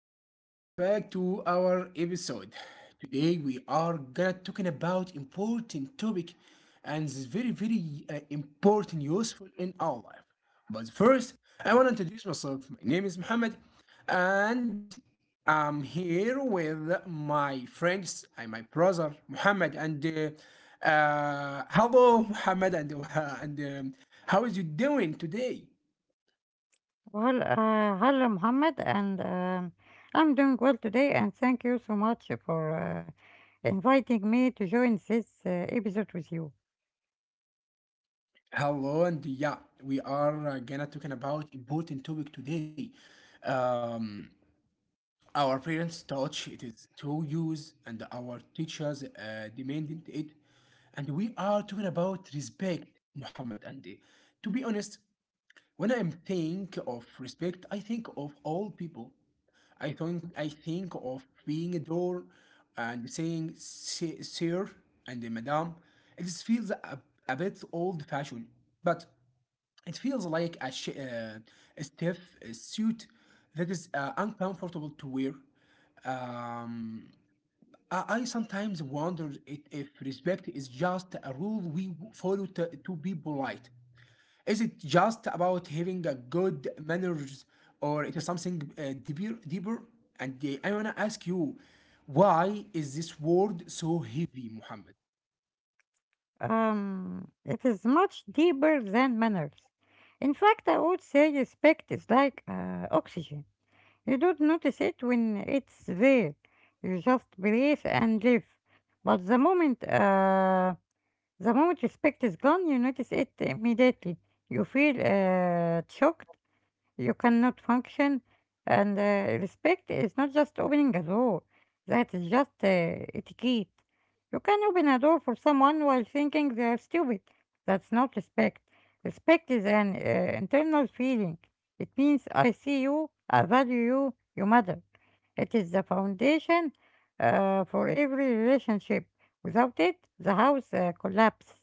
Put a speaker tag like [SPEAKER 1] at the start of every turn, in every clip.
[SPEAKER 1] and welcome back to our episode. Today we are gonna talking about important topic, and it's very, very important, useful in our life. But first, I want to introduce myself. My name is Mohammed, and I'm here with my friends and my brother Mohammed. And Hello, Mohammed, and and how is you doing today?
[SPEAKER 2] Hello, Mohammed, and I'm doing well today, and thank you so much for inviting me to join this episode with you.
[SPEAKER 1] Hello, and yeah, we are gonna talking about important topic today. Um, our parents taught it is to use, and our teachers demanded it, and we are talking about respect, Muhammad. And To be honest, when I think of respect, I think of all people. I think of being a door and saying " sir and madam. It feels a bit old fashioned. But it feels like a stiff suit that is uncomfortable to wear. Um, I sometimes wonder if respect is just a rule we follow to be polite. Is it just about having a good manners, or it is something deeper? And I wanna ask you, why is this word so heavy, Muhammad?
[SPEAKER 2] It is much deeper than manners. In fact, I would say respect is like oxygen. You don't notice it when it's there. You just breathe and live. But the moment respect is gone, you notice it immediately. You feel shocked. You cannot function, and respect is not just opening a door. That is just etiquette. You can open a door for someone while thinking they are stupid. That's not respect. Respect is an internal feeling. It means I see you, I value you, you matter. It is the foundation for every relationship. Without it, the house collapses.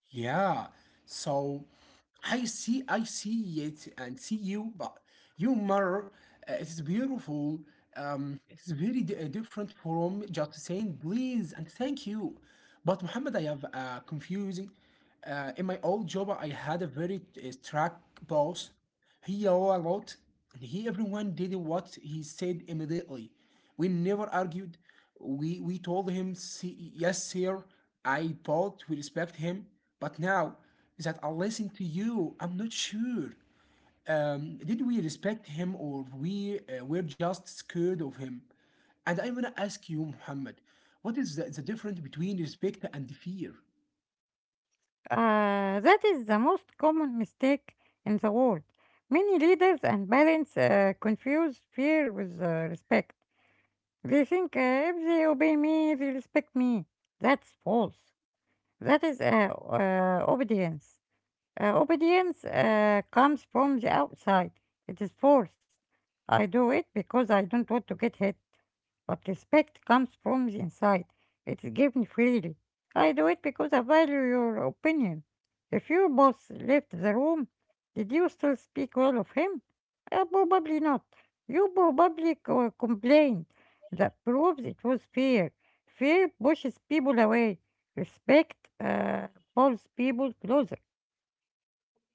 [SPEAKER 1] Yeah. So I see it and see you, but your mirror it is beautiful. It is very different from just saying please and thank you. But Muhammad, I have confusing. In my old job, I had a very strict boss. He yelled a lot, and he everyone did what he said immediately. We never argued. We told him, " yes, sir, I bought, we respect him. But now that I listen to you, I'm not sure. Did we respect him or we were just scared of him? And I want to ask you, Muhammad, what is the difference between respect and fear?
[SPEAKER 2] That is the most common mistake in the world. Many leaders and parents confuse fear with respect. They think if they obey me, they respect me. That's false. That is obedience. Obedience comes from the outside. It is forced. I do it because I don't want to get hit. But respect comes from the inside. It is given freely. I do it because I value your opinion. If your boss left the room, did you still speak well of him? Probably not. You probably complained. That proves it was fear. Fear pushes people away. Respect uh, pulls people closer.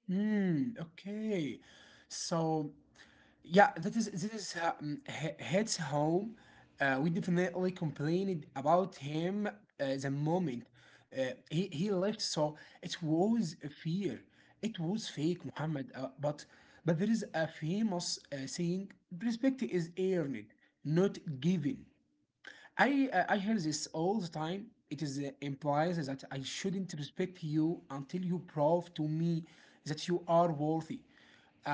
[SPEAKER 1] Hmm, okay. So yeah, that is this is hits home. We definitely complained about him the moment he left. So it was a fear. It was fake, Muhammad. But there is a famous saying: respect is earned, not given. I hear this all the time. It is implies that I shouldn't respect you until you prove to me that you are worthy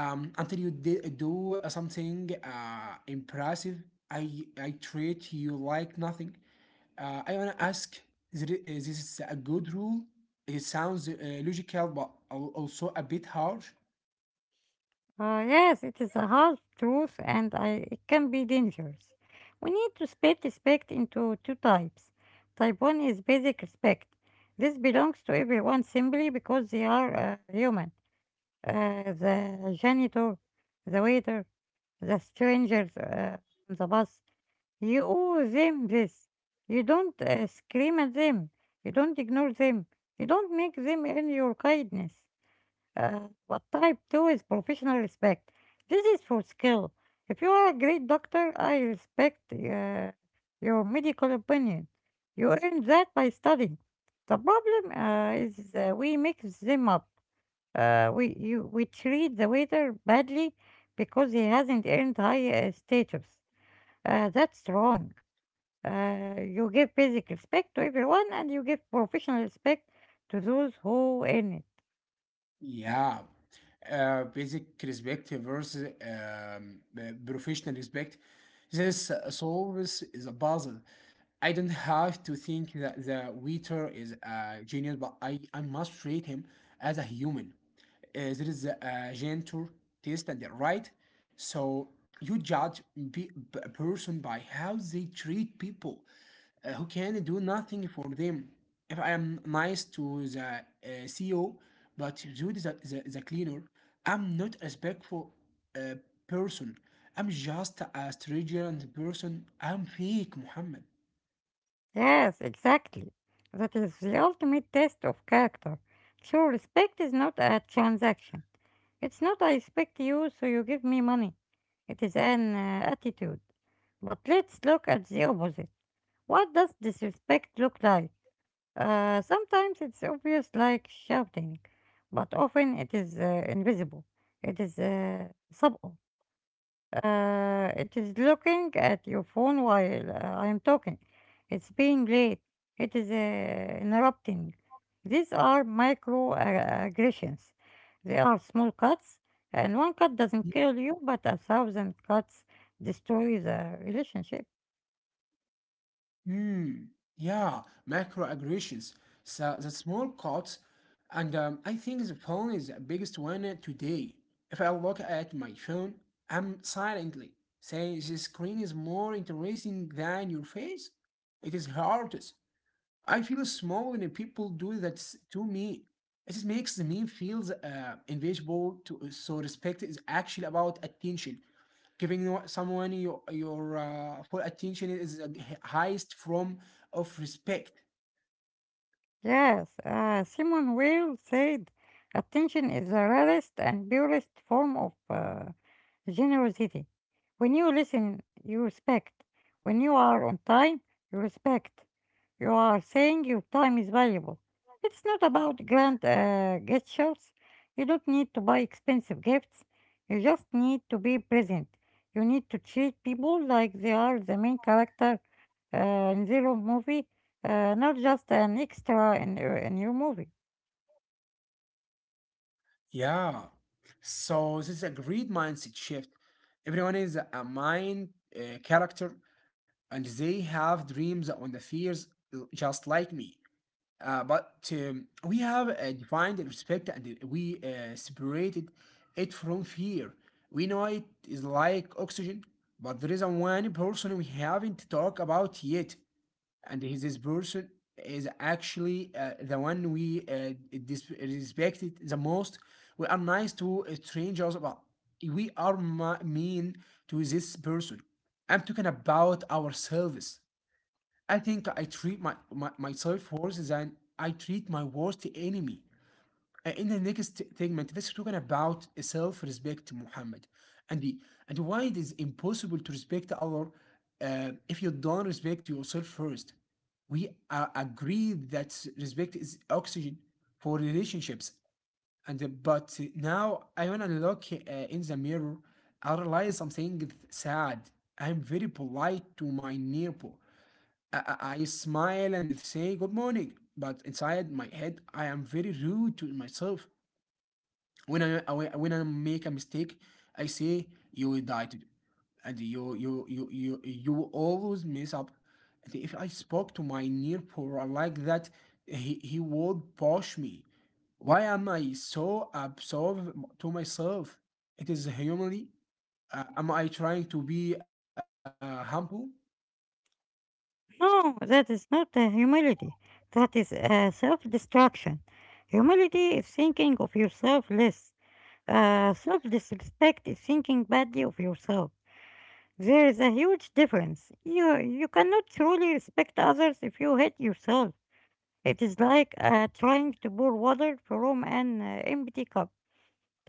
[SPEAKER 1] until you do something impressive. I treat you like nothing. I want to ask is this a good rule? It sounds logical, but also a bit harsh.
[SPEAKER 2] Yes, it is a hard truth and it can be dangerous. We need to split respect into two types. Type 1 is basic respect. This belongs to everyone simply because they are human. The janitor, the waiter, the strangers on the bus. You owe them this. You don't scream at them. You don't ignore them. You don't make them earn your kindness. Uh, but type 2 is professional respect. This is for skill. If you are a great doctor, I respect your medical opinion. You earn that by studying. The problem is we mix them up. We treat the waiter badly because he hasn't earned high status. That's wrong. You give basic respect to everyone and you give professional respect to those who earn it.
[SPEAKER 1] Yeah. Basic respect versus professional respect. This solves is a puzzle. I don't have to think that the waiter is a genius, but I must treat him as a human. There is a gentle test and the right. So you judge a person by how they treat people who can do nothing for them. If I am nice to the CEO, but Jude is the cleaner, I'm not a respectful uh, person. I'm just a stranger and person. I'm fake, Muhammad.
[SPEAKER 2] Yes, exactly. That is the ultimate test of character. So respect is not a transaction. It's not I respect you, so you give me money. It is an attitude. But let's look at the opposite. What does disrespect look like? Sometimes it's obvious, like shouting, but often it is invisible. It is subtle. It is looking at your phone while I am talking. It's being late. It is interrupting. These are micro aggressions. They are small cuts, and one cut doesn't kill you, but a thousand cuts destroy the relationship.
[SPEAKER 1] Hmm. Yeah, macroaggressions. So the small cuts, and I think the phone is the biggest one today. If I look at my phone, I'm silently saying the screen is more interesting than your face. It is hardest. I feel small when people do that to me. It just makes me feel invisible. To so respect is actually about attention, giving someone your full attention is the highest form of respect.
[SPEAKER 2] Yes, Simon Weil said, attention is the rarest and purest form of generosity. When you listen, you respect. When you are on time, you respect. You are saying your time is valuable. It's not about grand gestures. You don't need to buy expensive gifts. You just need to be present. You need to treat people like they are the main character in their own movie, not just an extra in your movie.
[SPEAKER 1] Yeah. So this is a great mindset shift. Everyone is a mind character, and they have dreams on the fears just like me. But We have defined respect and we separated it from fear. We know it is like oxygen, but there is a one person we haven't talked about yet and he's this person is actually the one we respected the most. We are nice to strangers, but we are mean to this person. I'm talking about ourselves. I think I treat my, my myself worse than I treat my worst enemy. In the next segment, let's talk about self-respect, Muhammad, and the, and why it is impossible to respect other if you don't respect yourself first. We agree that respect is oxygen for relationships, and but now I wanna look in the mirror. I realize something sad. I'm very polite to my neighbor. I smile and say good morning, but inside my head, I am very rude to myself when I when I make a mistake, I say you will die today, and you will always mess up. And if I spoke to my near poor like that, he would push me. Why am I so absorbed to myself? It is humanly. Am I trying to be humble?
[SPEAKER 2] No, that is not humility. That is self destruction. Humility is thinking of yourself less. Self disrespect is thinking badly of yourself. There is a huge difference. You cannot truly respect others if you hate yourself. It is like trying to pour water from an empty cup.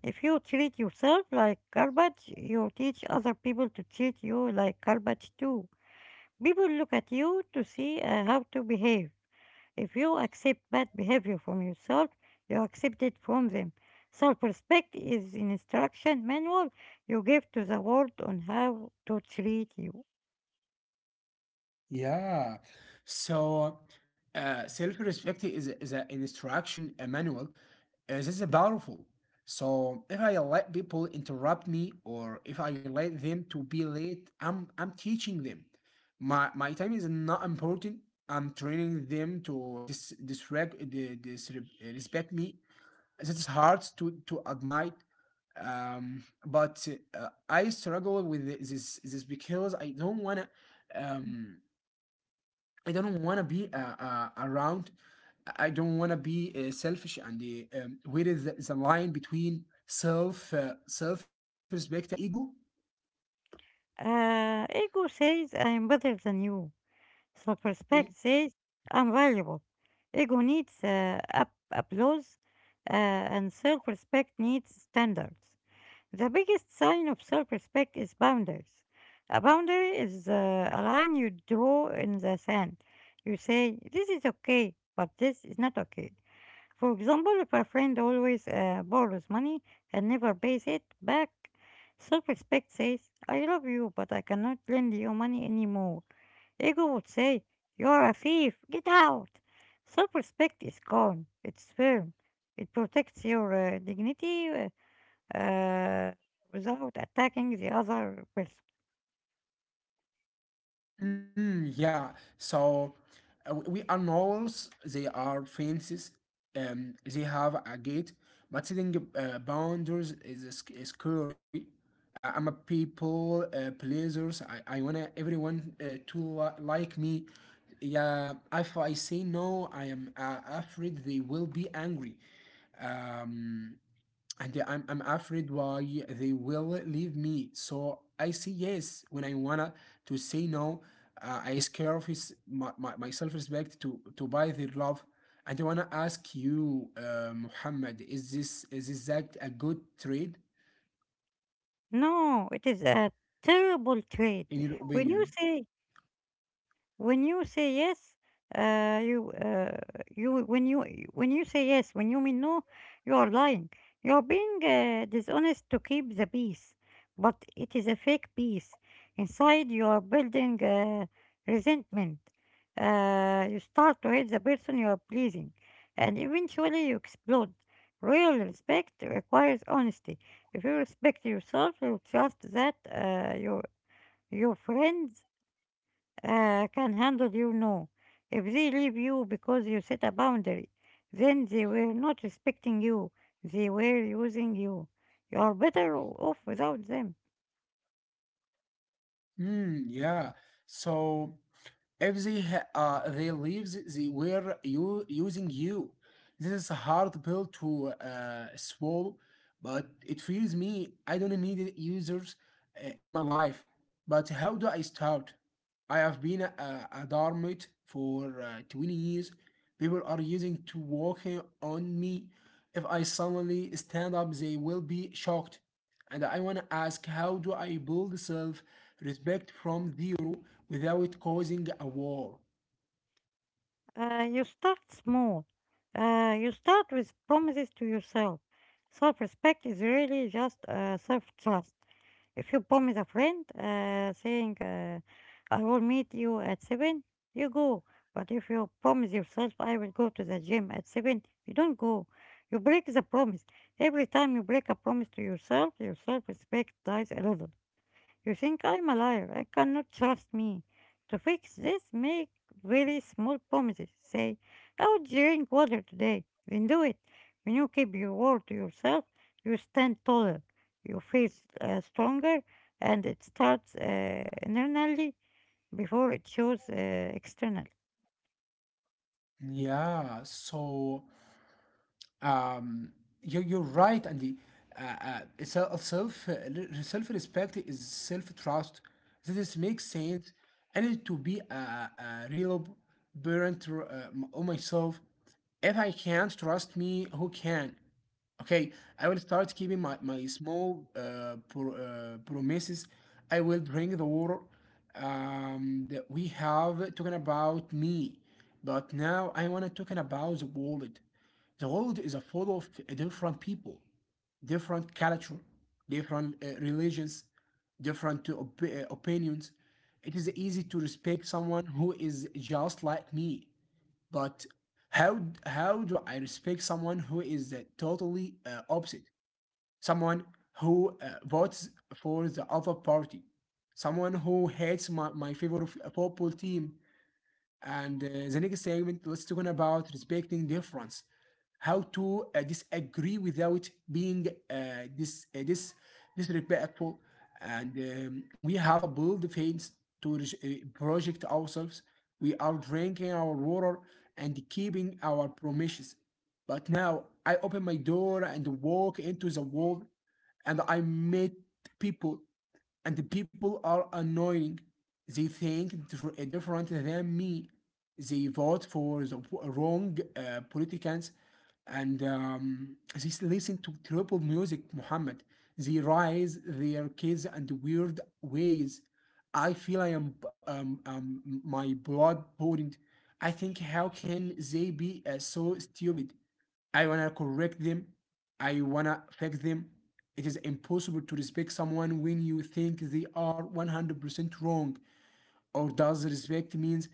[SPEAKER 2] If you treat yourself like garbage, you teach other people to treat you like garbage too. People look at you to see how to behave. If you accept bad behavior from yourself, you accept it from them. Self-respect is an instruction manual you give to the world on how to treat you.
[SPEAKER 1] Yeah. So, self-respect is is an instruction a manual. This is powerful. So if I let people interrupt me or if I let them to be late, I'm teaching them. My time is not important. I'm training them to dis disrep the disrespect me. This is hard to admit. But I struggle with this because I don't wanna um I don't want to be around. I don't want to be selfish. And the, where is the line between self self respect and the ego?
[SPEAKER 2] Ego says I'm better than you. Self-respect says I'm valuable. Ego needs applause, and self-respect needs standards. The biggest sign of self-respect is boundaries. A boundary is a line you draw in the sand. You say, this is okay, but this is not okay. For example, if a friend always borrows money and never pays it back, self respect says, I love you, but I cannot lend you money anymore. Ego would say, you're a thief, get out. Self respect is calm, it's firm, it protects your dignity uh, without attacking the other person.
[SPEAKER 1] Mm, yeah. So we are walls. They are fences. They have a gate, but setting boundaries is is scary. I'm a people pleasers. I wanna everyone like me. Yeah, if I say no, I am afraid they will be angry. Um, I'm afraid why they will leave me. So I say yes when I wanna to say no. I scare of his, my self-respect to buy their love. And I wanna ask you, Muhammad, is this that a good trade
[SPEAKER 2] No, it is a terrible trait.
[SPEAKER 1] in your
[SPEAKER 2] When you
[SPEAKER 1] opinion?
[SPEAKER 2] say When you say yes, you you when you when you say yes, when you mean no, you are lying. You are being dishonest to keep the peace, but it is a fake peace. Inside, you are building resentment. You start to hate the person you are pleasing, and eventually you explode. Real respect requires honesty. If you respect yourself, you trust that your friends can handle you no. If they leave you because you set a boundary, then they were not respecting you, they were using you. You are better off without them.
[SPEAKER 1] Hmm. Yeah. So if they they leaves they were you using you. This is a hard pill to swallow, but it feels me. I don't need users in my life. But how do I start? I have been a dormant for 20 years. People are using to walking on me. If I suddenly stand up, they will be shocked. And I want to ask, how do I build self respect from zero without causing a war.
[SPEAKER 2] You start small. You start with promises to yourself. Self respect is really just self trust. If you promise a friend saying, I will meet you at 7:00, you go. But if you promise yourself, I will go to the gym at 7:00, you don't go. You break the promise. Every time you break a promise to yourself, your self respect dies a little. You think I'm alive. I cannot trust me. To fix this, make very small promises. Say, I will drink water today. Then do it. When you keep your word to yourself, you stand taller. You feel stronger, and it starts internally before it shows externally.
[SPEAKER 1] Yeah, so um, you're right and the self respect is self trust. This makes sense. I need to be a real parent to, of myself. If I can't trust me, who can? Okay, I will start keeping my small promises. I will drink the water. That we have talking about me, but now I want to talking about the world. The world is a full of different people, different culture, different religions, different opinions. It is easy to respect someone who is just like me, but how how do I respect someone who is totally opposite? Someone who votes for the other party, someone who hates my favorite football team, and the next segment, let's talk about respecting difference. How to disagree without being disrespectful. And we have a bold face to project ourselves. We are drinking our water and keeping our promises. But now I open my door and walk into the world and I meet people and the people are annoying. They think different than me. They vote for the wrong politicians, and they listen to triple music, Muhammad. They raise their kids and weird ways. I feel I am my blood pouring. I think how can they be so stupid? I wanna correct them. I wanna fix them. It is impossible to respect someone when you think they are 100% wrong. Or does respect means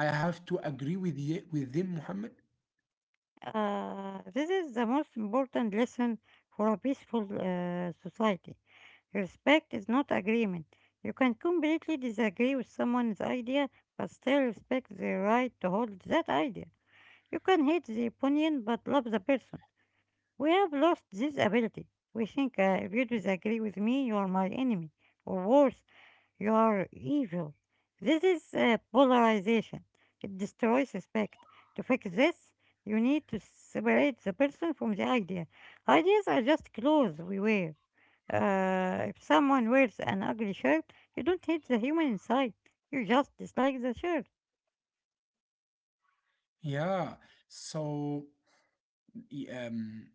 [SPEAKER 1] I have to agree with with them, Muhammad?
[SPEAKER 2] This is the most important lesson for a peaceful society. Respect is not agreement. You can completely disagree with someone's idea, but still respect their right to hold that idea. You can hate the opinion, but love the person. We have lost this ability. We think if you disagree with me, you are my enemy, or worse, you're evil. This is polarization. It destroys respect. To fix this, you need to separate the person from the idea. Ideas are just clothes we wear. If someone wears an ugly shirt, you don't hate the human inside. You just dislike the shirt.
[SPEAKER 1] Yeah. So y-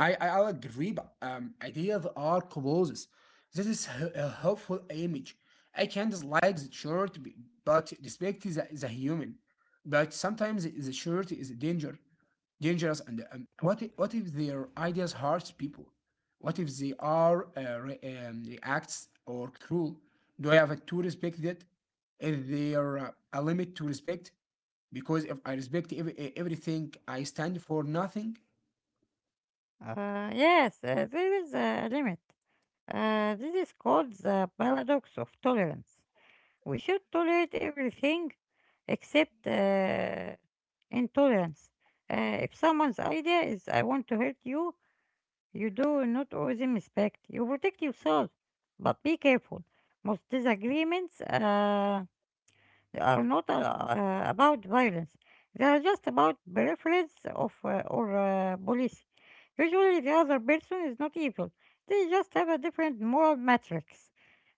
[SPEAKER 1] I agree, but ideas are clothes. This is a helpful image. I can dislike the shirt, but respect the human. But sometimes the shirt is dangerous. And what if their ideas hurt people? What if they are reacts or cruel? Do I have to respect that? Is there a limit to respect? Because if I respect everything, I stand for nothing.
[SPEAKER 2] Yes, there is a limit. This is called the paradox of tolerance. We should tolerate everything except intolerance. If someone's idea is I want to hurt you, you do not owe them respect. You protect yourself, but be careful. Most disagreements are not about violence. They are just about preference of or policy. Usually, the other person is not evil. They just have a different moral matrix.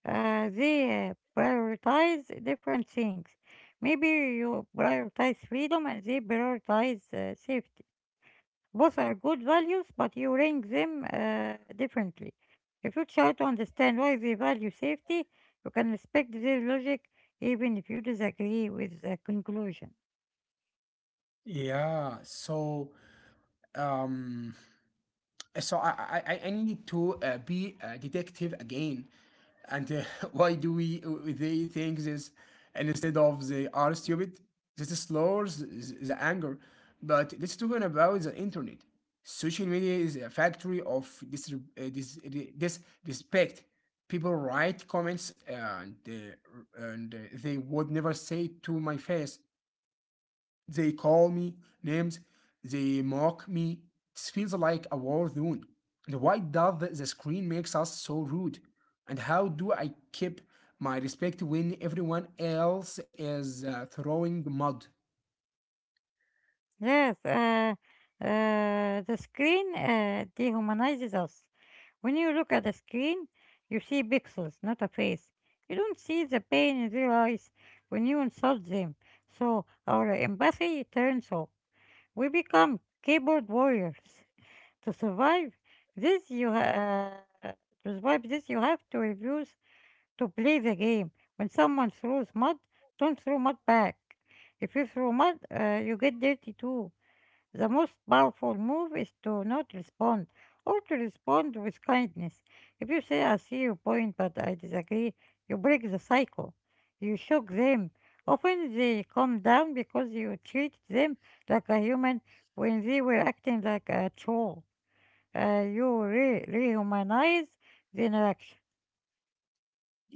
[SPEAKER 2] They prioritize different things. Maybe you prioritize freedom and they prioritize safety. Both are good values, but you rank them differently. If you try to understand why they value safety, you can respect their logic even if you disagree with the conclusion.
[SPEAKER 1] Yeah, so Um, I need to be a detective again. And why do we they think this and instead of they are stupid? This slows the anger. But let's talk about the internet. Social media is a factory of disrespect. People write comments and they would never say to my face. They call me names. They mock me. It feels like a war zone. And why does the screen makes us so rude? And how do I keep my respect when everyone else is throwing mud?
[SPEAKER 2] Yes, the screen dehumanizes us. When you look at a screen, you see pixels, not a face. You don't see the pain in their eyes when you insult them. So our empathy turns off. We become keyboard warriors. To survive this, you ha- uh, to survive this, you have to refuse to play the game. When someone throws mud, don't throw mud back. If you throw mud, you get dirty too. The most powerful move is to not respond or to respond with kindness. If you say, I see your point, but I disagree, you break the cycle. You shock them. Often they calm down because you treat them like a human when they were acting like a troll. You rehumanize the interaction.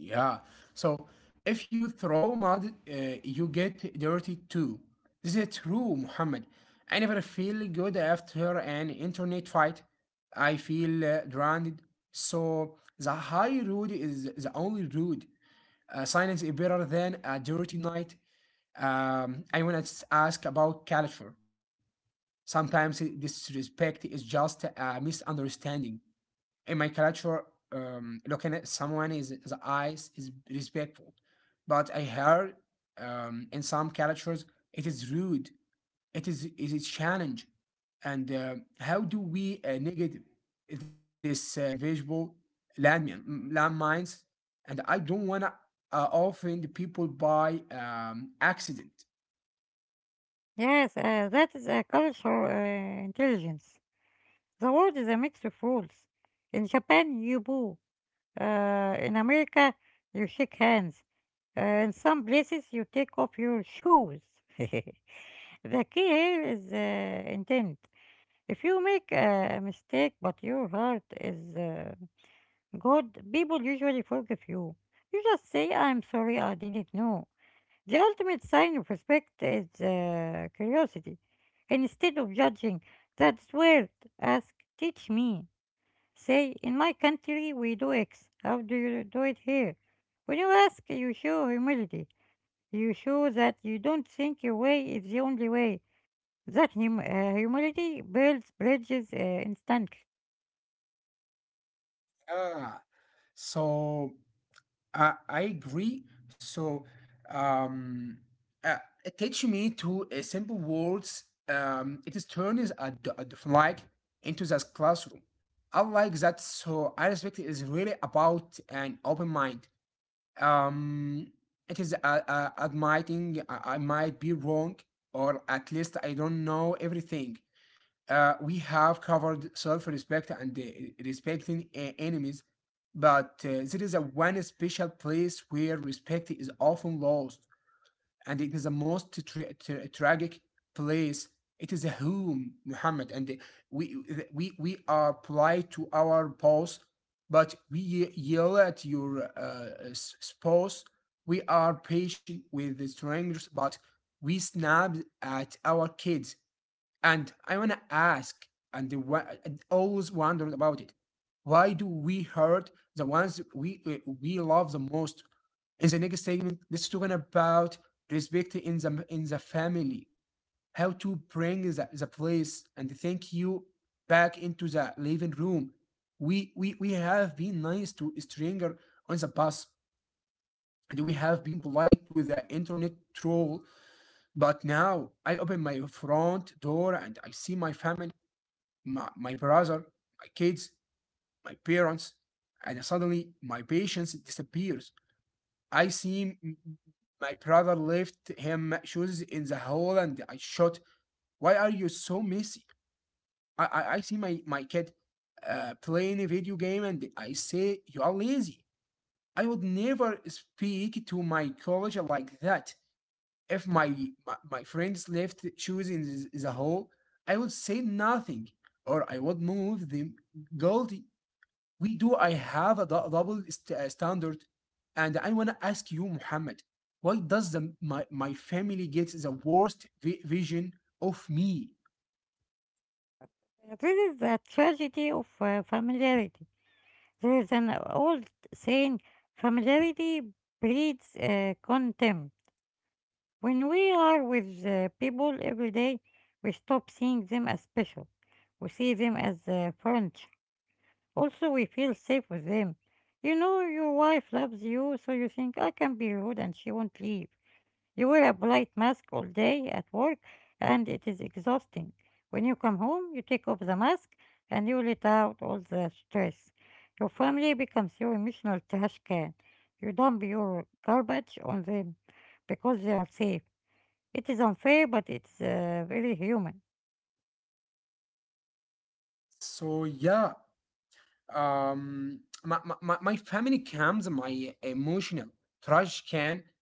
[SPEAKER 1] Yeah. So if you throw mud, you get dirty too. This is true, Muhammad. I never feel good after an internet fight. I feel drowned. So the high road is the only road. Science is better than a dirty night. I want to ask about culture. Sometimes disrespect is just a misunderstanding in my culture, looking at someone is the eyes is respectful, but I heard, in some cultures it is rude, it is challenge. And how do we negate this invisible landmines, and I don't want to offend people by accident.
[SPEAKER 2] Yes, that is a cultural intelligence. The world is a mix of rules. In Japan, you boo. In America, you shake hands. In some places, you take off your shoes. The key here is intent. If you make a mistake, but your heart is good, people usually forgive you. You just say, I'm sorry, I didn't know. The ultimate sign of respect is curiosity. Instead of judging, that's weird. Ask, teach me. Say, in my country we do X. How do you do it here? When you ask, you show humility. You show that you don't think your way is the only way. That humility builds bridges instantly.
[SPEAKER 1] Ah, so I agree. So, um, uh, teach me to simple words. It is turns like into this classroom. I like that. So I respect it is really about an open mind. Um, it is admitting I might be wrong, or at least I don't know everything. We have covered self-respect and respecting enemies. But there is a one special place where respect is often lost, and it is the most tragic place. It is a home, Muhammad, and we we are polite to our boss, but we yell at your spouse. We are patient with the strangers, but we snap at our kids. And I wanna ask, the and always wondered about it, why do we hurt the ones we we love the most? In the next segment, let's talk about respect in the family, how to bring the place and thank you back into the living room. We have been nice to a stranger on the bus, and we have been polite to the internet troll. But now I open my front door and I see my family, my brother, my kids, my parents, and suddenly my patience disappears. I see my brother left him shoes in the hall and I shot. Why are you so messy? I see my kid playing a video game and I say, "You are lazy." I would never speak to my college like that. If my friends left shoes in the hall, I would say nothing or I would move them. Guilty, we do I have a double standard, and I want to ask you, Muhammad, why does my family get the worst vision of me?
[SPEAKER 2] This is the tragedy of familiarity. There is an old saying familiarity breeds contempt. When we are with people every day, we stop seeing them as special. We see them as friends. Also, we feel safe with them. You know, your wife loves you, so you think I can be rude and she won't leave. You wear a polite mask all day at work, and it is exhausting. When you come home, you take off the mask and you let out all the stress. Your family becomes your emotional trash can. You dump your garbage on them because they are safe. It is unfair, but it's very human.
[SPEAKER 1] So yeah, um my family comes my emotional trash can.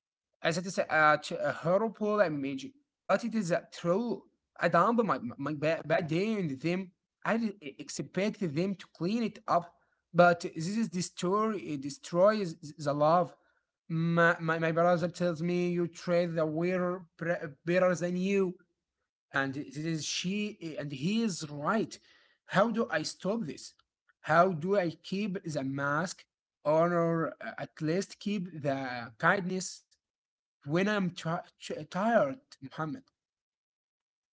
[SPEAKER 1] As it is a, a horrible image, but it is a true. I dump my bad day in them. I expect them to clean it up, but this is destroy it destroys the love. My brother tells me you treat the wearer better than you, and it is she and he is right. How do I stop this? How do I keep the mask or at least keep the kindness when I'm tired, Muhammad?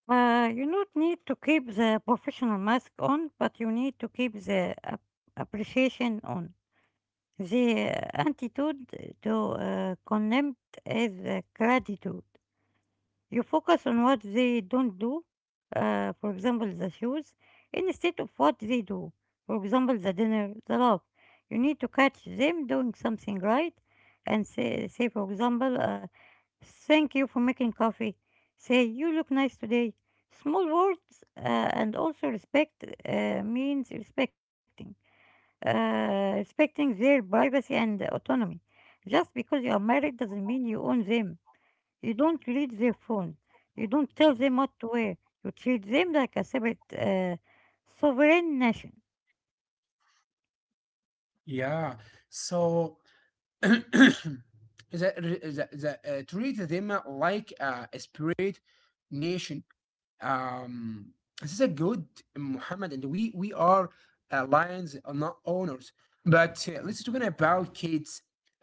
[SPEAKER 2] You not need to keep the professional mask on, but you need to keep the appreciation on. The attitude to contempt is gratitude. You focus on what they don't do, for example, the shoes, instead of what they do, for example, the dinner, the love. You need to catch them doing something right and say for example, thank you for making coffee. Say, you look nice today. Small words, and also respect means respecting. Respecting their privacy and autonomy. Just because you are married doesn't mean you own them. You don't read their phone. You don't tell them what to wear. You treat them like a separate sovereign nation.
[SPEAKER 1] Yeah, so the, treat them like a spirit nation. Um, this is a good, Muhammad, and we are lions, not owners. But let's talking about kids.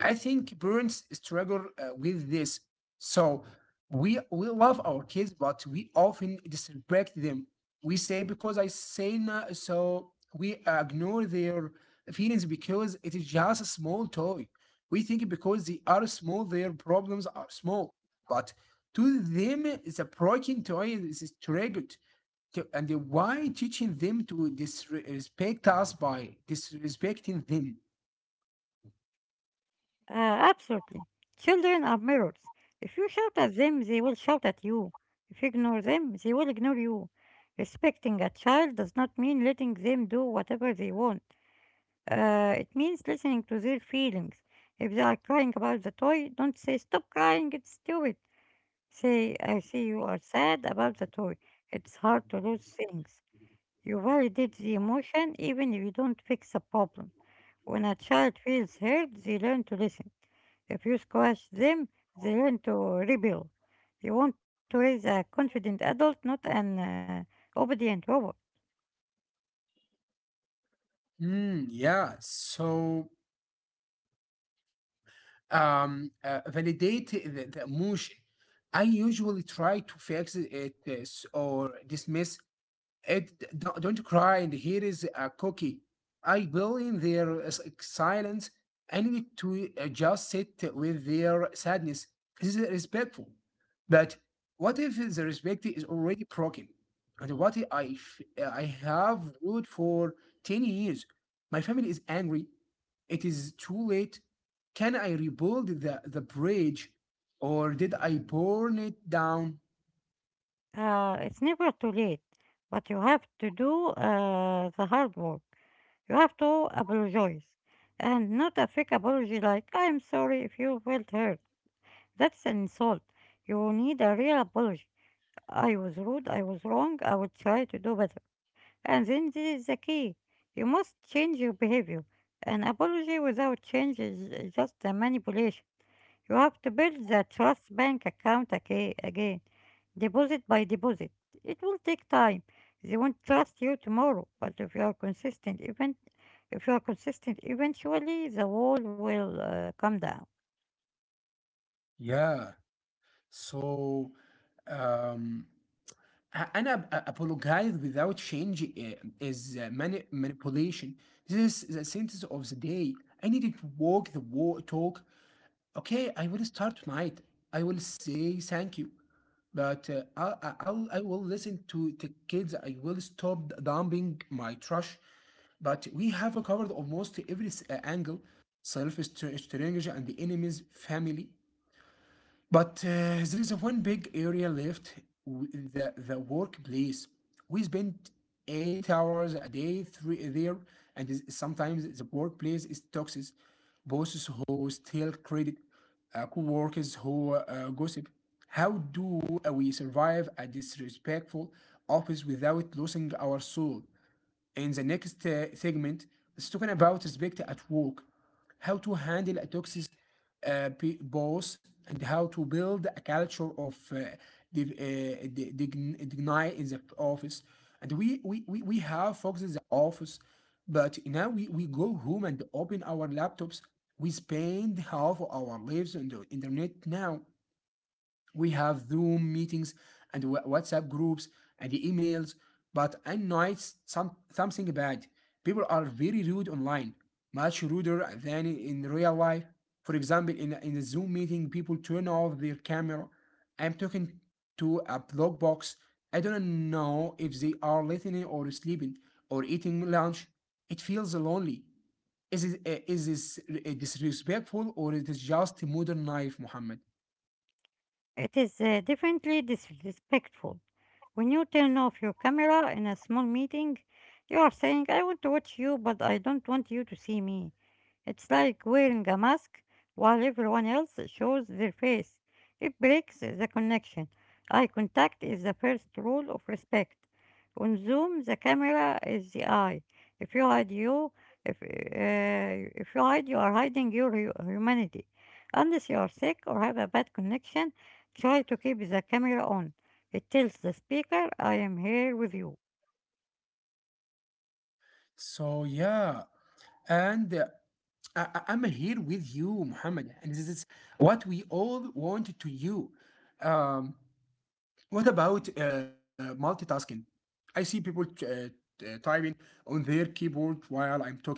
[SPEAKER 1] I think parents struggle with this. So we love our kids, but we often disrespect them. We say because I say no, so we ignore their feelings because it is just a small toy. We think because they are small, their problems are small. But to them the breaking toy is triggered, and why teaching them to disrespect us by disrespecting them?
[SPEAKER 2] Uh, absolutely. Children are mirrors. If you shout at them, they will shout at you. If you ignore them, they will ignore you. Respecting a child does not mean letting them do whatever they want. It means listening to their feelings. If they are crying about the toy, don't say, stop crying, it's stupid. Say, I see you are sad about the toy. It's hard to lose things. You validate the emotion even if you don't fix the problem. When a child feels hurt, they learn to listen. If you squash them, they learn to rebel. You want to raise a confident adult, not an obedient robot.
[SPEAKER 1] Yeah, so validate the emotion. I usually try to fix it or dismiss it. Don't cry. And here is a cookie. I will in their silence. I need to just sit with their sadness. This is respectful. But what if the respect is already broken? And what if I have ruled for 10 years? My family is angry. It is too late. Can I rebuild the bridge, or did I burn it down?
[SPEAKER 2] It's never too late, but you have to do the hard work. You have to apologize. And not a fake apology like, I'm sorry if you felt hurt. That's an insult. You need a real apology. I was rude, I was wrong, I will try to do better. And then this is the key. You must change your behavior. An apology without change is just a manipulation. You have to build the trust bank account again, deposit by deposit. It will take time. They won't trust you tomorrow, but if you are consistent, even if you are consistent, eventually the wall will come down.
[SPEAKER 1] Yeah. So um, apologize without change is manipulation. This is the sentence of the day. I needed to walk the walk, talk. Okay, I will start tonight. I will say thank you, but I will listen to the kids. I will stop dumping my trash. But we have covered almost every angle: self, stranger, and the enemy's family. But there is one big area left, the workplace. We spend 8 hours a day three, there, and sometimes the workplace is toxic. Bosses who steal credit, co workers who gossip. How do we survive a disrespectful office without losing our soul? In the next segment is talking about respect at work, how to handle a toxic uh, boss, and how to build a culture of div- uh, dignity in the office. And we have focused in the office, but now we go home and open our laptops. We spend half of our lives on the internet now. We have Zoom meetings and WhatsApp groups and emails, but I noticed something bad. People are very rude online, much ruder than in real life. For example, in a Zoom meeting, people turn off their camera. I'm talking to a blog box. I don't know if they are listening or sleeping or eating lunch. It feels lonely. Is this disrespectful, or is it just modern life, Muhammad?
[SPEAKER 2] It is definitely disrespectful. When you turn off your camera in a small meeting, you are saying, I want to watch you, but I don't want you to see me. It's like wearing a mask while everyone else shows their face. It breaks the connection. Eye contact is the first rule of respect. On Zoom, the camera is the eye. If you hide you, if you hide, you are hiding your humanity. Unless you are sick or have a bad connection, try to keep the camera on. It tells the speaker, I am here with you.
[SPEAKER 1] So yeah, and I'm here with you, Muhammad, and this is what we all want to you. Um, What about multitasking? I see people typing on their keyboard while I'm talking.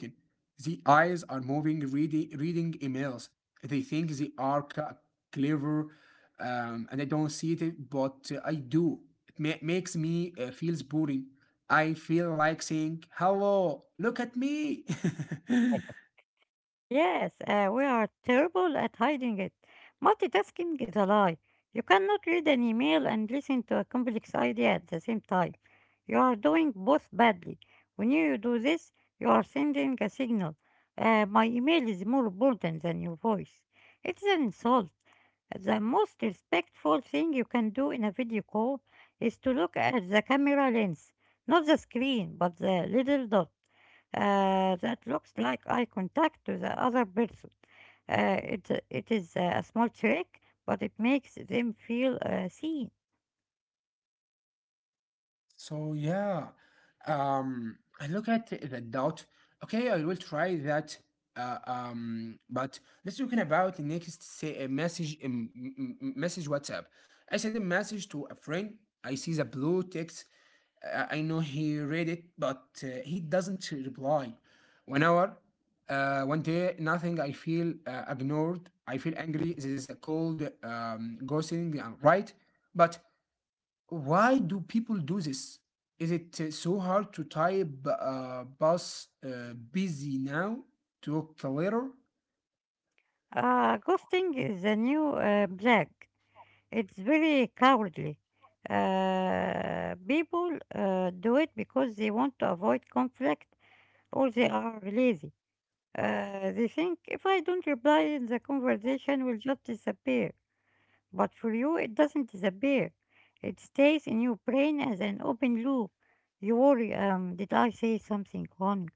[SPEAKER 1] The eyes are moving, reading emails. They think they are clever, and I don't see it, but I do. It makes me feels boring. I feel like saying, "Hello, look at me."
[SPEAKER 2] Yes, we are terrible at hiding it. Multitasking is a lie. You cannot read an email and listen to a complex idea at the same time. You are doing both badly. When you do this, you are sending a signal. My email is more important than your voice. It's an insult. The most respectful thing you can do in a video call is to look at the camera lens, not the screen, but the little dot that looks like eye contact to the other person. It is a small trick, but it makes them feel seen.
[SPEAKER 1] So yeah, I look at the doubt. Okay, I will try that. But let's talk about the next, say a message, message WhatsApp. I send a message to a friend. I see the blue text. I know he read it, but he doesn't reply. One hour, one day, nothing. I feel ignored. I feel angry. This is a cold ghosting, right? But why do people do this? Is it so hard to type busy now to later?
[SPEAKER 2] Ghosting is a new black. It's very cowardly. People do it because they want to avoid conflict or they are lazy. They think if I don't reply, the conversation will just disappear. But for you, it doesn't disappear. It stays in your brain as an open loop. You worry, did I say something wrong?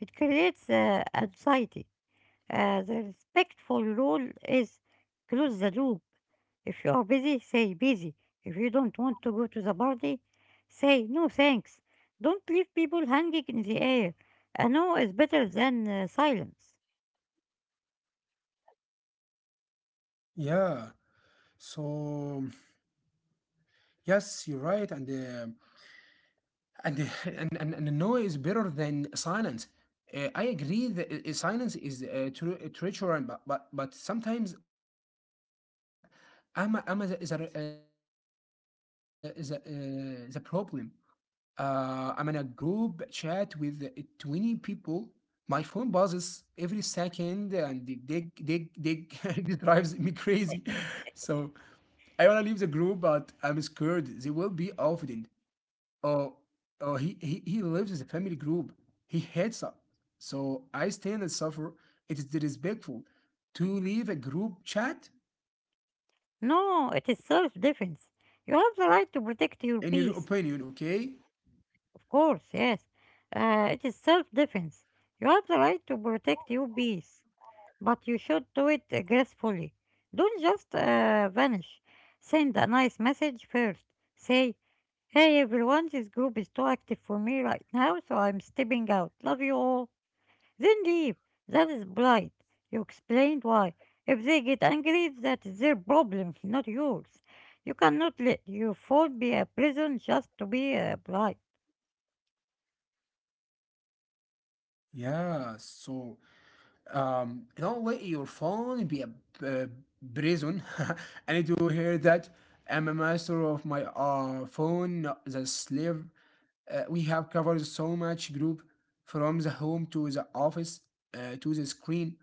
[SPEAKER 2] It creates anxiety. The respectful rule is close the loop. If you are busy, say busy. If you don't want to go to the party, say no thanks. Don't leave people hanging in the air. A no is better than silence.
[SPEAKER 1] Yeah. So yes, you're right, and and, and no is better than silence. I agree that silence is treacherous, but, but sometimes ama is is a problem. I'm in a group chat with 20 people. My phone buzzes every second and they dig. It drives me crazy. So I want to leave the group, but I'm scared they will be offended. Oh, he lives in the family group. He hates us. So I stand and suffer. It is disrespectful to leave a group chat,
[SPEAKER 2] No, it is self-defense. You have
[SPEAKER 1] in
[SPEAKER 2] the
[SPEAKER 1] your
[SPEAKER 2] right to
[SPEAKER 1] opinion,
[SPEAKER 2] protect your
[SPEAKER 1] okay?
[SPEAKER 2] peace. Of course, yes. It is self-defense. You have the right to protect your peace, but you should do it gracefully. Don't just vanish. Send a nice message first. Say, hey everyone, this group is too active for me right now, so I'm stepping out. Love you all. Then leave. That is polite. You explained why. If they get angry, that is their problem, not yours. You cannot let your phone be a prison just to be polite.
[SPEAKER 1] Yeah, so um, don't let your phone be a uh, prison. I need to hear that. I'm a master of my phone, not the slave. We have covered so much group, from the home to the office to the screen.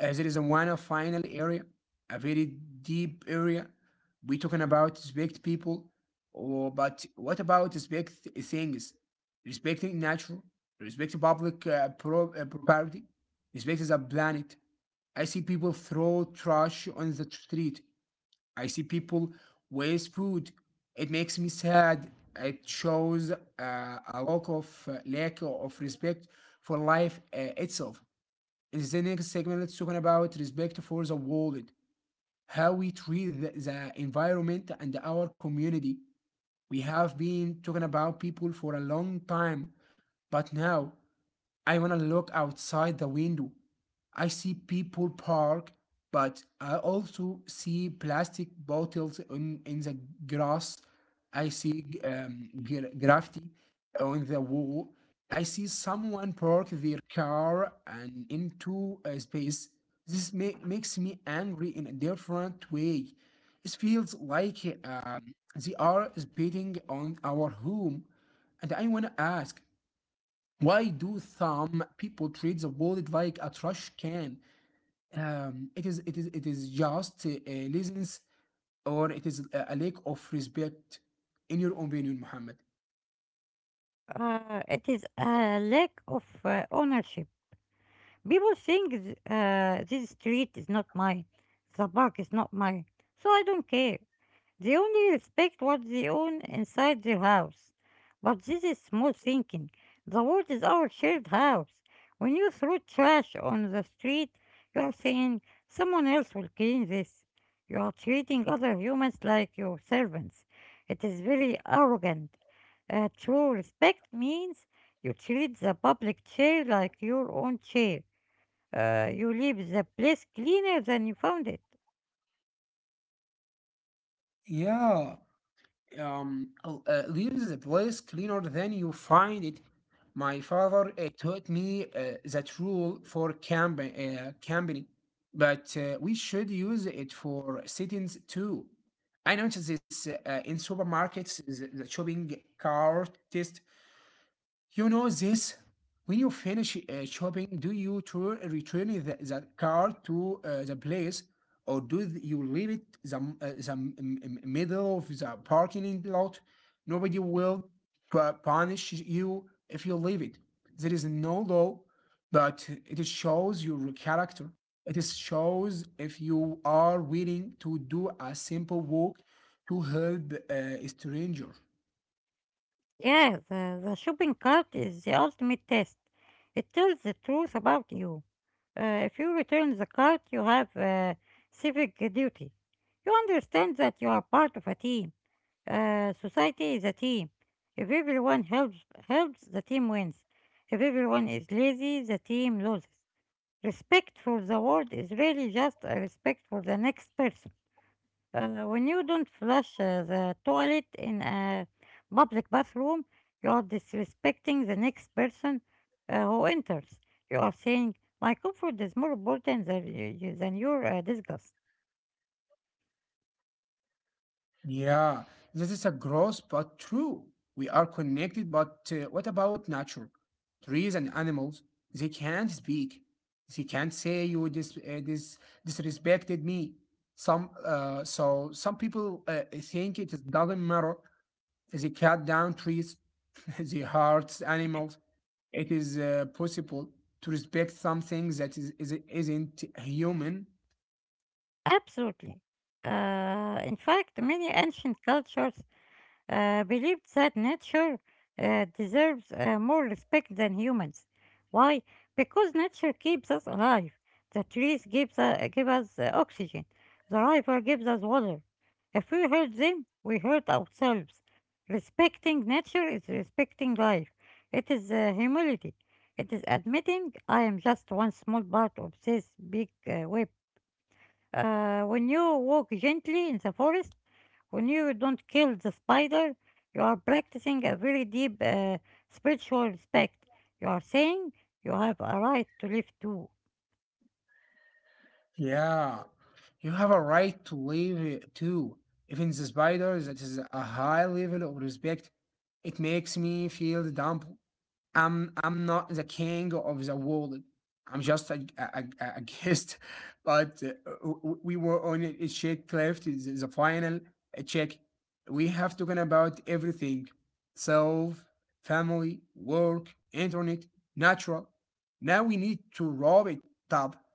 [SPEAKER 1] There is a one final area, a very deep area. We're talking about respect people, or, but what about respect things? Respecting nature, respect public property, space is a planet. I see people throw trash on the street. I see people waste food. It makes me sad. It shows a lack of respect for life itself. In the next segment, let's talk about respect for the world, how we treat the environment and our community. We have been talking about people for a long time, but now I wanna look outside the window. I see people park, but I also see plastic bottles in the grass. I see graffiti on the wall. I see someone park their car and into a space. Makes me angry in a different way. It feels like they are spitting on our home. And I want to ask, why do some people treat the world like a trash can? It is just a laziness, or it is a lack of respect. In your opinion, Muhammad?
[SPEAKER 2] It is a lack of ownership. People think this street is not mine, the park is not mine, so I don't care. They only respect what they own inside their house. But this is small thinking. The world is our shared house. When you throw trash on the street, you are saying, someone else will clean this. You are treating other humans like your servants. It is very arrogant. True respect means you treat the public chair like your own chair. You leave the place cleaner than you found it.
[SPEAKER 1] Yeah, leaves the place cleaner than you find it. My father taught me that rule for camp company, but we should use it for sittings too. I noticed this in supermarkets, the shopping cart test, you know this? When you finish shopping, do you return the car to the place, or do you leave it the middle of the parking lot? Nobody will punish you if you leave it. There is no law, but it is shows your character. It is shows if you are willing to do a simple walk to help a stranger.
[SPEAKER 2] Yeah, the shopping cart is the ultimate test. It tells the truth about you. If you return the cart, you have civic duty. You understand that you are part of a team. Society is a team. If everyone helps, the team wins. If everyone is lazy, the team loses. Respect for the world is really just a respect for the next person. When you don't flush the toilet in a public bathroom, you are disrespecting the next person who enters. You are saying, my comfort is more important than, than your disgust.
[SPEAKER 1] Yeah, this is a gross but true. We are connected, but what about nature? Trees and animals, they can't speak. They can't say you disrespected me. Some so some people think it doesn't matter. They cut down trees, they hurt animals. It is possible to respect something that is isn't human.
[SPEAKER 2] Absolutely. In fact, many ancient cultures believed that nature deserves more respect than humans. Why? Because nature keeps us alive. The trees give us oxygen. The river gives us water. If we hurt them, we hurt ourselves. Respecting nature is respecting life. It is humility. It is admitting I am just one small part of this big web. When you walk gently in the forest, when you don't kill the spider, you are practicing a very deep spiritual respect. You are saying you have a right to live too.
[SPEAKER 1] Yeah, you have a right to leave it too. Even the spiders, it is a high level of respect. It makes me feel dumb. I'm not the king of the world. I'm just a- guest. But we were on a Czech shake left is the final check. We have talking about everything: self, family, work, internet, natural. Now we need to wrap it up.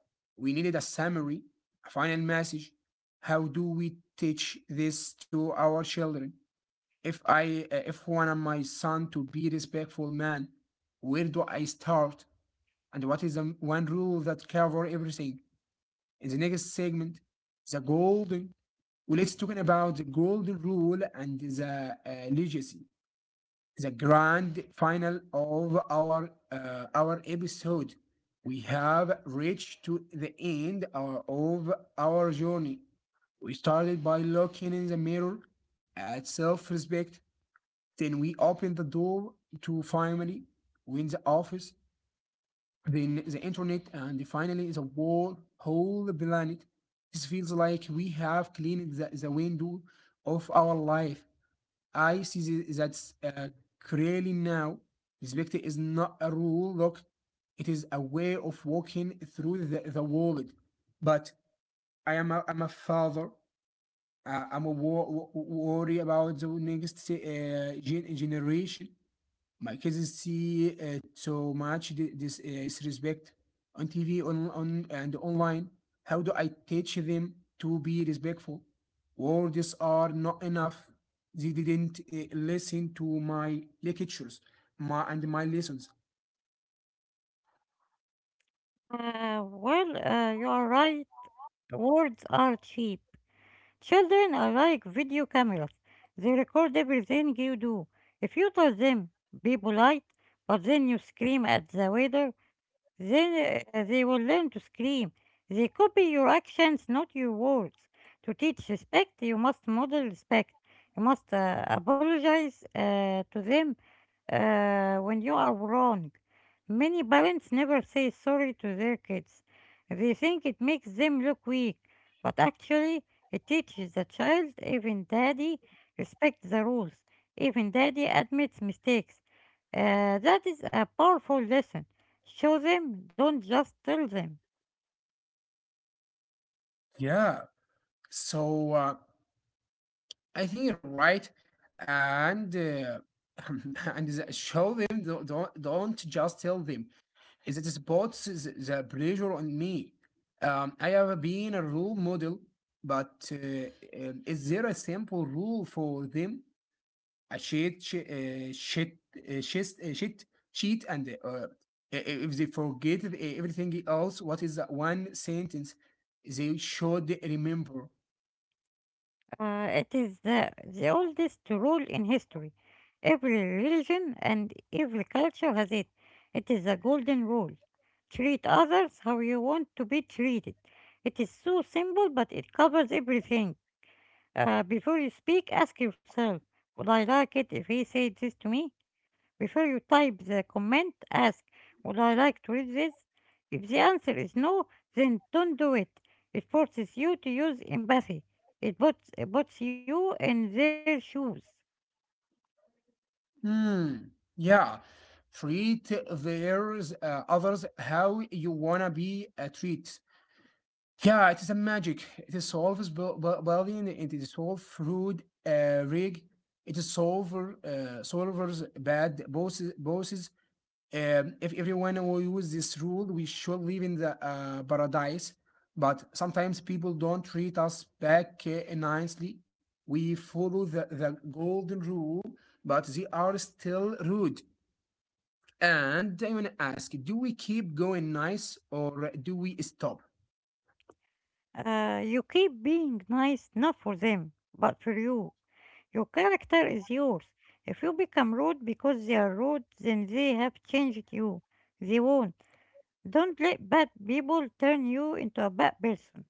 [SPEAKER 1] We needed a summary, a final message. How do we teach this to our children? If one of my son to be respectful man, where do I start? And what is the one rule that cover everything? In the next segment, the golden. Well, let's talking about the golden rule and the legacy. The grand final of our episode. We have reached to the end of our journey. We started by looking in the mirror at self-respect, then we open the door to finally win the office, then the internet, and finally the world, whole planet. This feels like we have cleaned the window of our life. I see that clearly now. Respect is not a rule, look, it is a way of walking through the world. But I'm a father. Uh, I'm a worry about the next generation. My kids see so much di- this disrespect on TV, on and online. How do I teach them to be respectful? Words are not enough. They didn't listen to my lectures, my lessons.
[SPEAKER 2] You are right. Words are cheap. Children are like video cameras. They record everything you do. If you tell them, be polite, but then you scream at the waiter, then they will learn to scream. They copy your actions, not your words. To teach respect, you must model respect. You must apologize to them when you are wrong. Many parents never say sorry to their kids. They think it makes them look weak, but actually, it teaches the child, even daddy, respect the rules. Even daddy admits mistakes. That is a powerful lesson. Show them, don't just tell them.
[SPEAKER 1] Yeah. So I think you're right, and show them. Don't just tell them. Is it spots the pressure on me. I have been a role model, but is there a simple rule for them? A shit, sh- shit, shit, shit, cheat, and if they forget everything else, what is that one sentence they should remember?
[SPEAKER 2] It is the oldest rule in history. Every religion and every culture has it. It is a golden rule. Treat others how you want to be treated. It is so simple, but it covers everything. Before you speak, ask yourself, would I like it if he said this to me? Before you type the comment, ask, would I like to read this? If the answer is no, then don't do it. It forces you to use empathy. It puts you in their shoes.
[SPEAKER 1] Hmm. Yeah. Treat there's others how you wanna be treated. Yeah, it is a magic. It is solves bu- bu- building. It is solved through rig. It is solver solvers bad bosses. Bosses. If everyone will use this rule, we should live in the paradise. But sometimes people don't treat us back nicely. We follow the golden rule, but they are still rude. And I want to ask: do we keep going nice, or do we stop?
[SPEAKER 2] You keep being nice not for them, but for you. Your character is yours. If you become rude because they are rude, then they have changed you. They won't. Don't let bad people turn you into a bad person.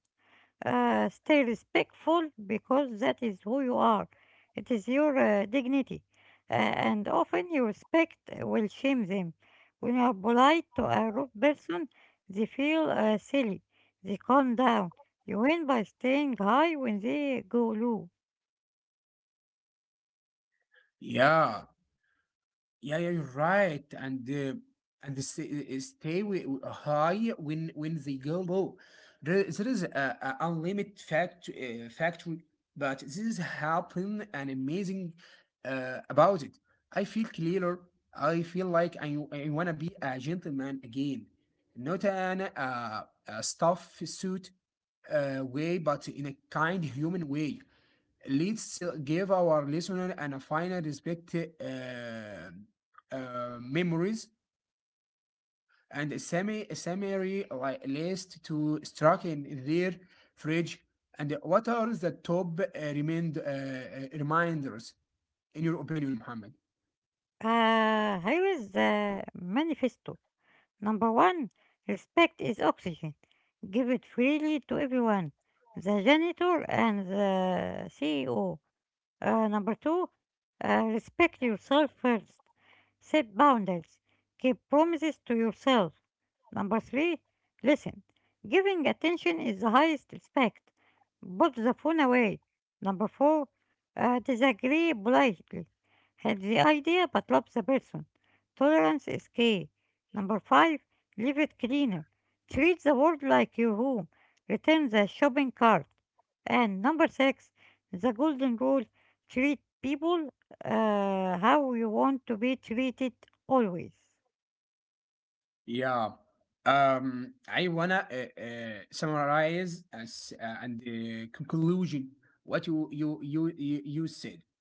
[SPEAKER 2] Stay respectful because that is who you are. It is your dignity. And often your respect will shame them. When you are polite to a rude person, they feel silly. They calm down. You win by staying high when they go low.
[SPEAKER 1] Yeah, yeah, you're right. And stay, stay high when they go low. There is a unlimited factory, but this is helping and amazing about it. I feel clearer. I feel like I wanna be a gentleman again, not an a stuff suit way, but in a kind human way. Let's give our listener and a final respect memories and a summary like list to struck in their fridge. And what are the top reminders in your opinion, Muhammad?
[SPEAKER 2] Here is the manifesto. Number one, respect is oxygen. Give it freely to everyone. The janitor and the CEO. Number two, respect yourself first. Set boundaries. Keep promises to yourself. Number three, listen. Giving attention is the highest respect. Put the phone away. Number four, disagree politely. Have the idea but love the person. Tolerance is key. Number five, leave it cleaner. Treat the world like your home. Return the shopping cart. And number six, the golden rule. Treat people how you want to be treated always.
[SPEAKER 1] Yeah. I wanna summarize as, and conclusion what you said.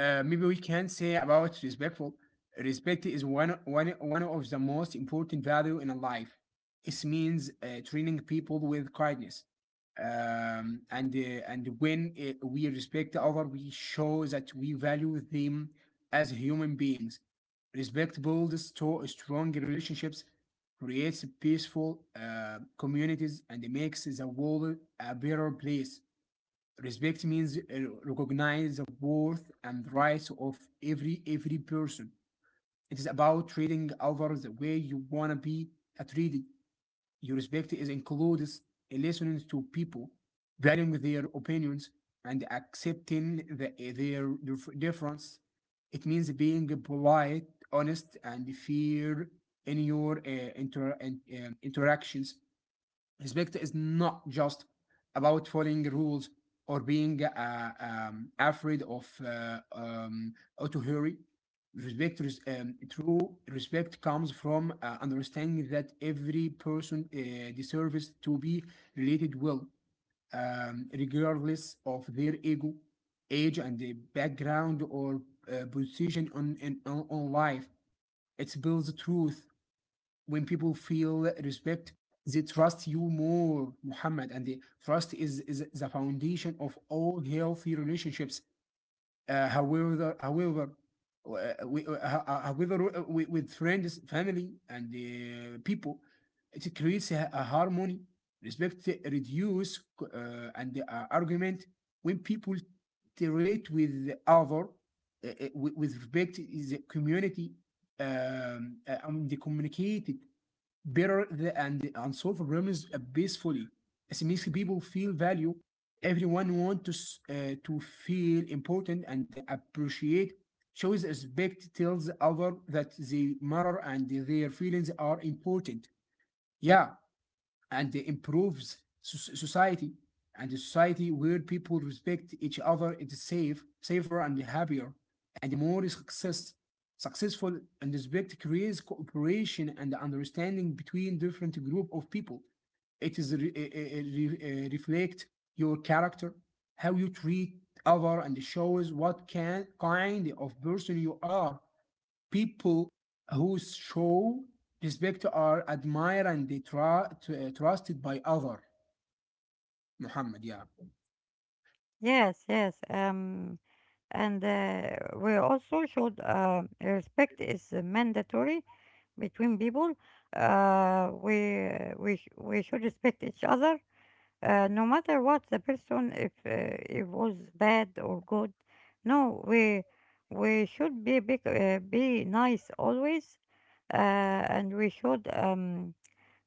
[SPEAKER 1] Maybe we can say about respectful. Respect is one of the most important value in a life. It means treating people with kindness. And when we respect other, we show that we value them as human beings. Respect builds strong relationships, creates peaceful communities, and makes the world a better place. Respect means recognize the worth and rights of every person. It is about treating others the way you wanna be treated. Your respect is includes listening to people, valuing their opinions, and accepting their difference. It means being polite, honest, and fair in your interactions. Respect is not just about following rules or being afraid of autohurry. Respect is true. Respect comes from understanding that every person deserves to be related well, regardless of their ego, age, and the background or position on, in, on on life. It builds truth when people feel respect, they trust you more, Muhammad. And the trust is the foundation of all healthy relationships. Uh, however, however, uh, we, uh, however, uh, with with friends, family, and people, it creates a harmony. Respect reduce uh, and argument when people interact with the other with respect is a community, and they communicate it better and solve problems peacefully. It makes people feel value. Everyone want to, to feel important and appreciate. Shows respect tells other that they matter and their feelings are important. Yeah, and improves society, and a society where people respect each other it is safer and happier and more success successful, and respect creates cooperation and understanding between different group of people. It is reflect your character, how you treat other and shows what can, kind of person you are. People who show respect are admired and they trusted by other. Muhammad. Yeah.
[SPEAKER 2] Yes, yes. And We also should, respect is mandatory between people. Uh, we we should respect each other, no matter what the person if it was bad or good. No, we should be big, be nice always, uh, and we should um,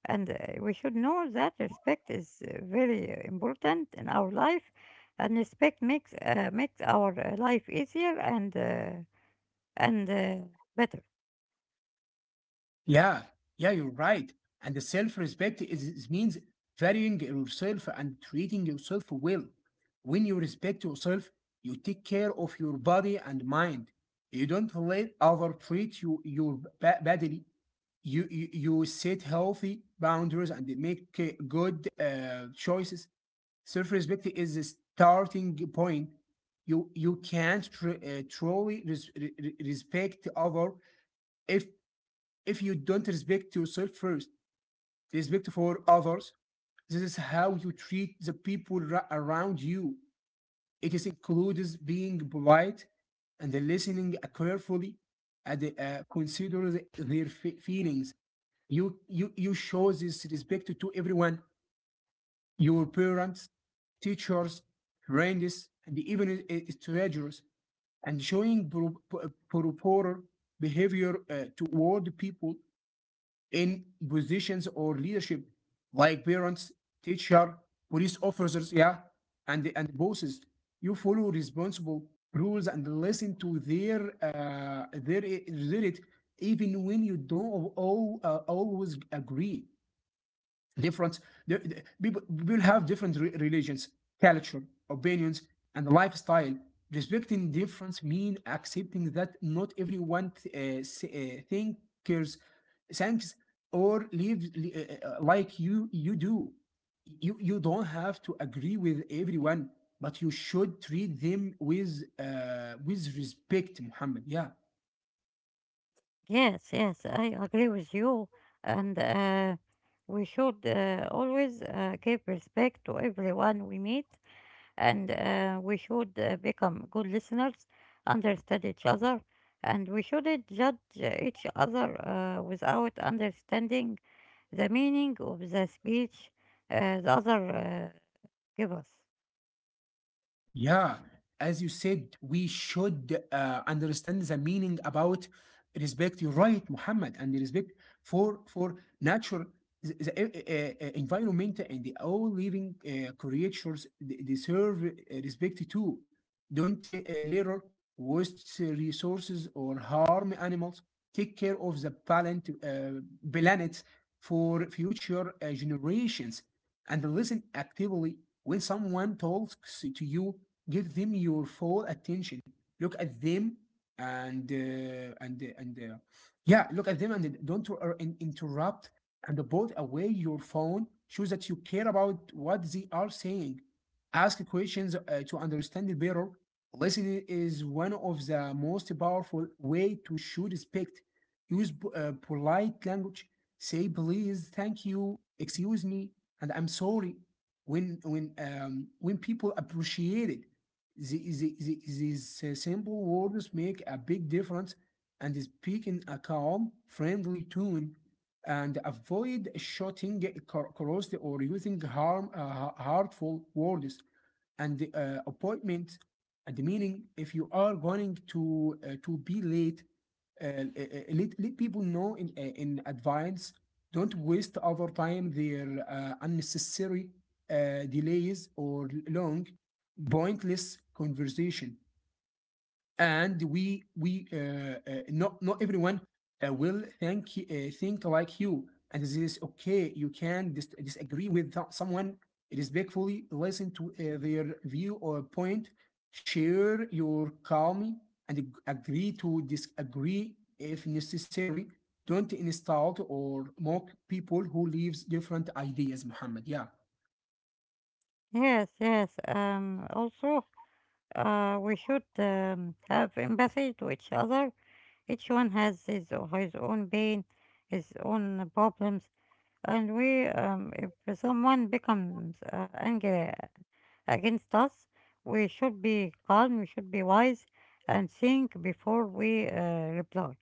[SPEAKER 2] and we should know that respect is very important in our life, and respect makes our life easier and better.
[SPEAKER 1] Yeah, yeah, you're right. And the self-respect is means valuing yourself and treating yourself well. When you respect yourself you take care of your body and mind, you don't let other treat you your badly, you set healthy boundaries and make good choices. Self-respect is a starting point. You can't truly respect other if you don't respect yourself first. Respect for others. This is how you treat the people around you. It is includes being polite and listening carefully and consider their feelings. You show this respect to everyone: your parents, teachers, friends, and even strangers, and showing proper behavior toward people in positions or leadership, like parents, teacher, police officers, yeah, and bosses. You follow responsible rules and listen to their it, even when you don't all, always agree. Different, people will have different religions, culture, opinions, and lifestyle. Respecting difference means accepting that not everyone th- s- thinkers thinks or lives like you do. You don't have to agree with everyone, but you should treat them with with respect. Muhammad. Yeah.
[SPEAKER 2] Yes, yes, I agree with you, and we should always give respect to everyone we meet, and we should become good listeners, understand each other, and we shouldn't judge each other without understanding the meaning of the speech the other uh, give us.
[SPEAKER 1] Yeah, as you said, we should understand the meaning about respect. You're right, Muhammad, and respect for nature, the environment, and the all living creatures they deserve respect too. Don't litter, waste resources, or harm animals. Take care of the planet, planet for future generations, and listen actively when someone talks to you, give them your full attention, look at them and yeah, look at them and don't interrupt, and put away your phone, show that you care about what they are saying, ask questions to understand it better. Listening is one of the most powerful way to show respect. Use polite language, say please, thank you, excuse me, and I'm sorry. When people appreciate it, these simple words make a big difference. And speak in a calm, friendly tone, and avoid shouting, corrosive, or using harmful words. And the, appointment and the meaning, if you are going to be late, let people know in advance. Don't waste over time their unnecessary delays or long pointless conversation. And we not Not everyone will think like you, and this is okay. You can disagree with someone respectfully, listen to their view or point, share your calm, and agree to disagree if necessary. Don't insult or mock people who lives different ideas. Muhammad. Yeah.
[SPEAKER 2] Yes, yes. We should have empathy to each other. Each one has his, his own pain, his own problems, and we, if someone becomes angry against us, we should be calm. We should be wise and think before we reply.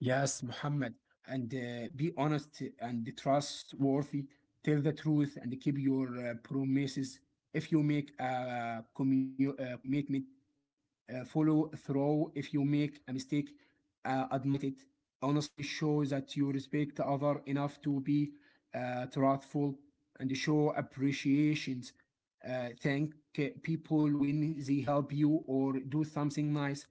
[SPEAKER 1] Yes, Muhammad, and be honest and trustworthy. Tell the truth and keep your promises. If you make a commitment, follow through. If you make a mistake, admit it. Honestly, show that you respect the other enough to be truthful, and show appreciations. Thank people when they help you or do something nice.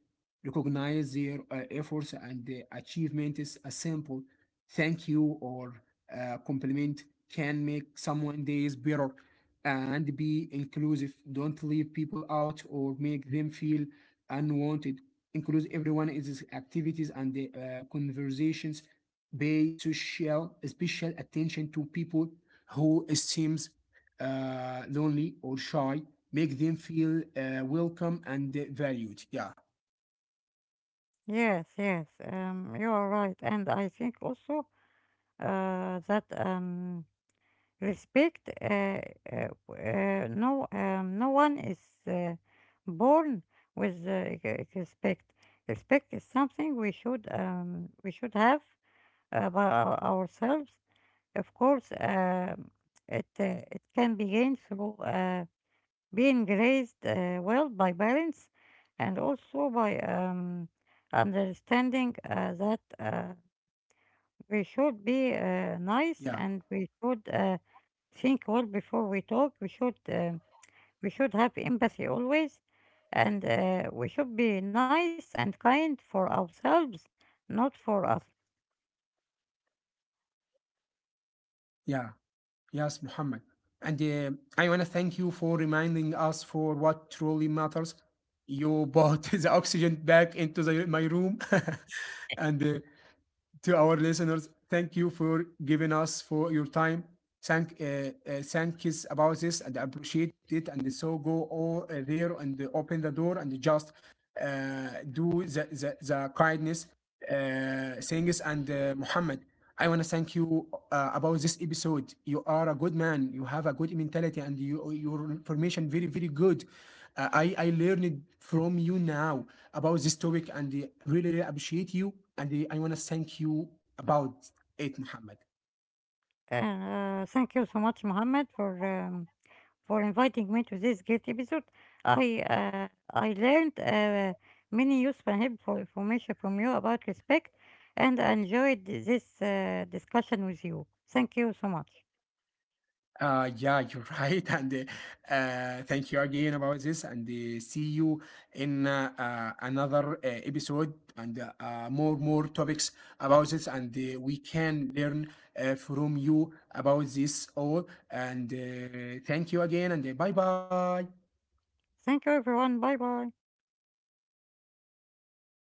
[SPEAKER 1] Recognize their efforts and achievements. A simple thank you or compliment can make someone days better. And be inclusive. Don't leave people out or make them feel unwanted. Include everyone in these activities and the conversations. Pay social special attention to people who seems lonely or shy. Make them feel welcome and valued. Yeah,
[SPEAKER 2] Yes, yes. You are right, and I think also that respect. No one is uh, born with respect. Respect is something we should have about ourselves. Of course, it it can be gained through being raised well by parents, and also by understanding that. We should be nice
[SPEAKER 1] yeah,
[SPEAKER 2] and we should think well before we talk. We should have empathy always, and we should be nice and kind for ourselves, not for others.
[SPEAKER 1] yeah. Yes, Muhammad. And I want to thank you for reminding us for what truly matters. You brought the oxygen back into my room. And to our listeners, thank you for giving us for your time. Thank, uh, uh, thank is about this and appreciate it. And so go all there and open the door and just do the kindness uh, Singis and Muhammad. I want to thank you about this episode. You are a good man. You have a good mentality, and you, your information very very good. I learned from you now about this topic, and really really appreciate you. And I want to thank you about it, Muhammad.
[SPEAKER 2] Thank you so much, Mohammed, for inviting me to this great episode. I uh, I learned many useful and helpful information from you about respect, and I enjoyed this discussion with you. Thank you so much.
[SPEAKER 1] Yeah, you're right, and thank you again about this, and see you in another episode and more topics about this, and we can learn from you about this all. And thank you again, and bye bye.
[SPEAKER 2] Thank you, everyone. Bye bye.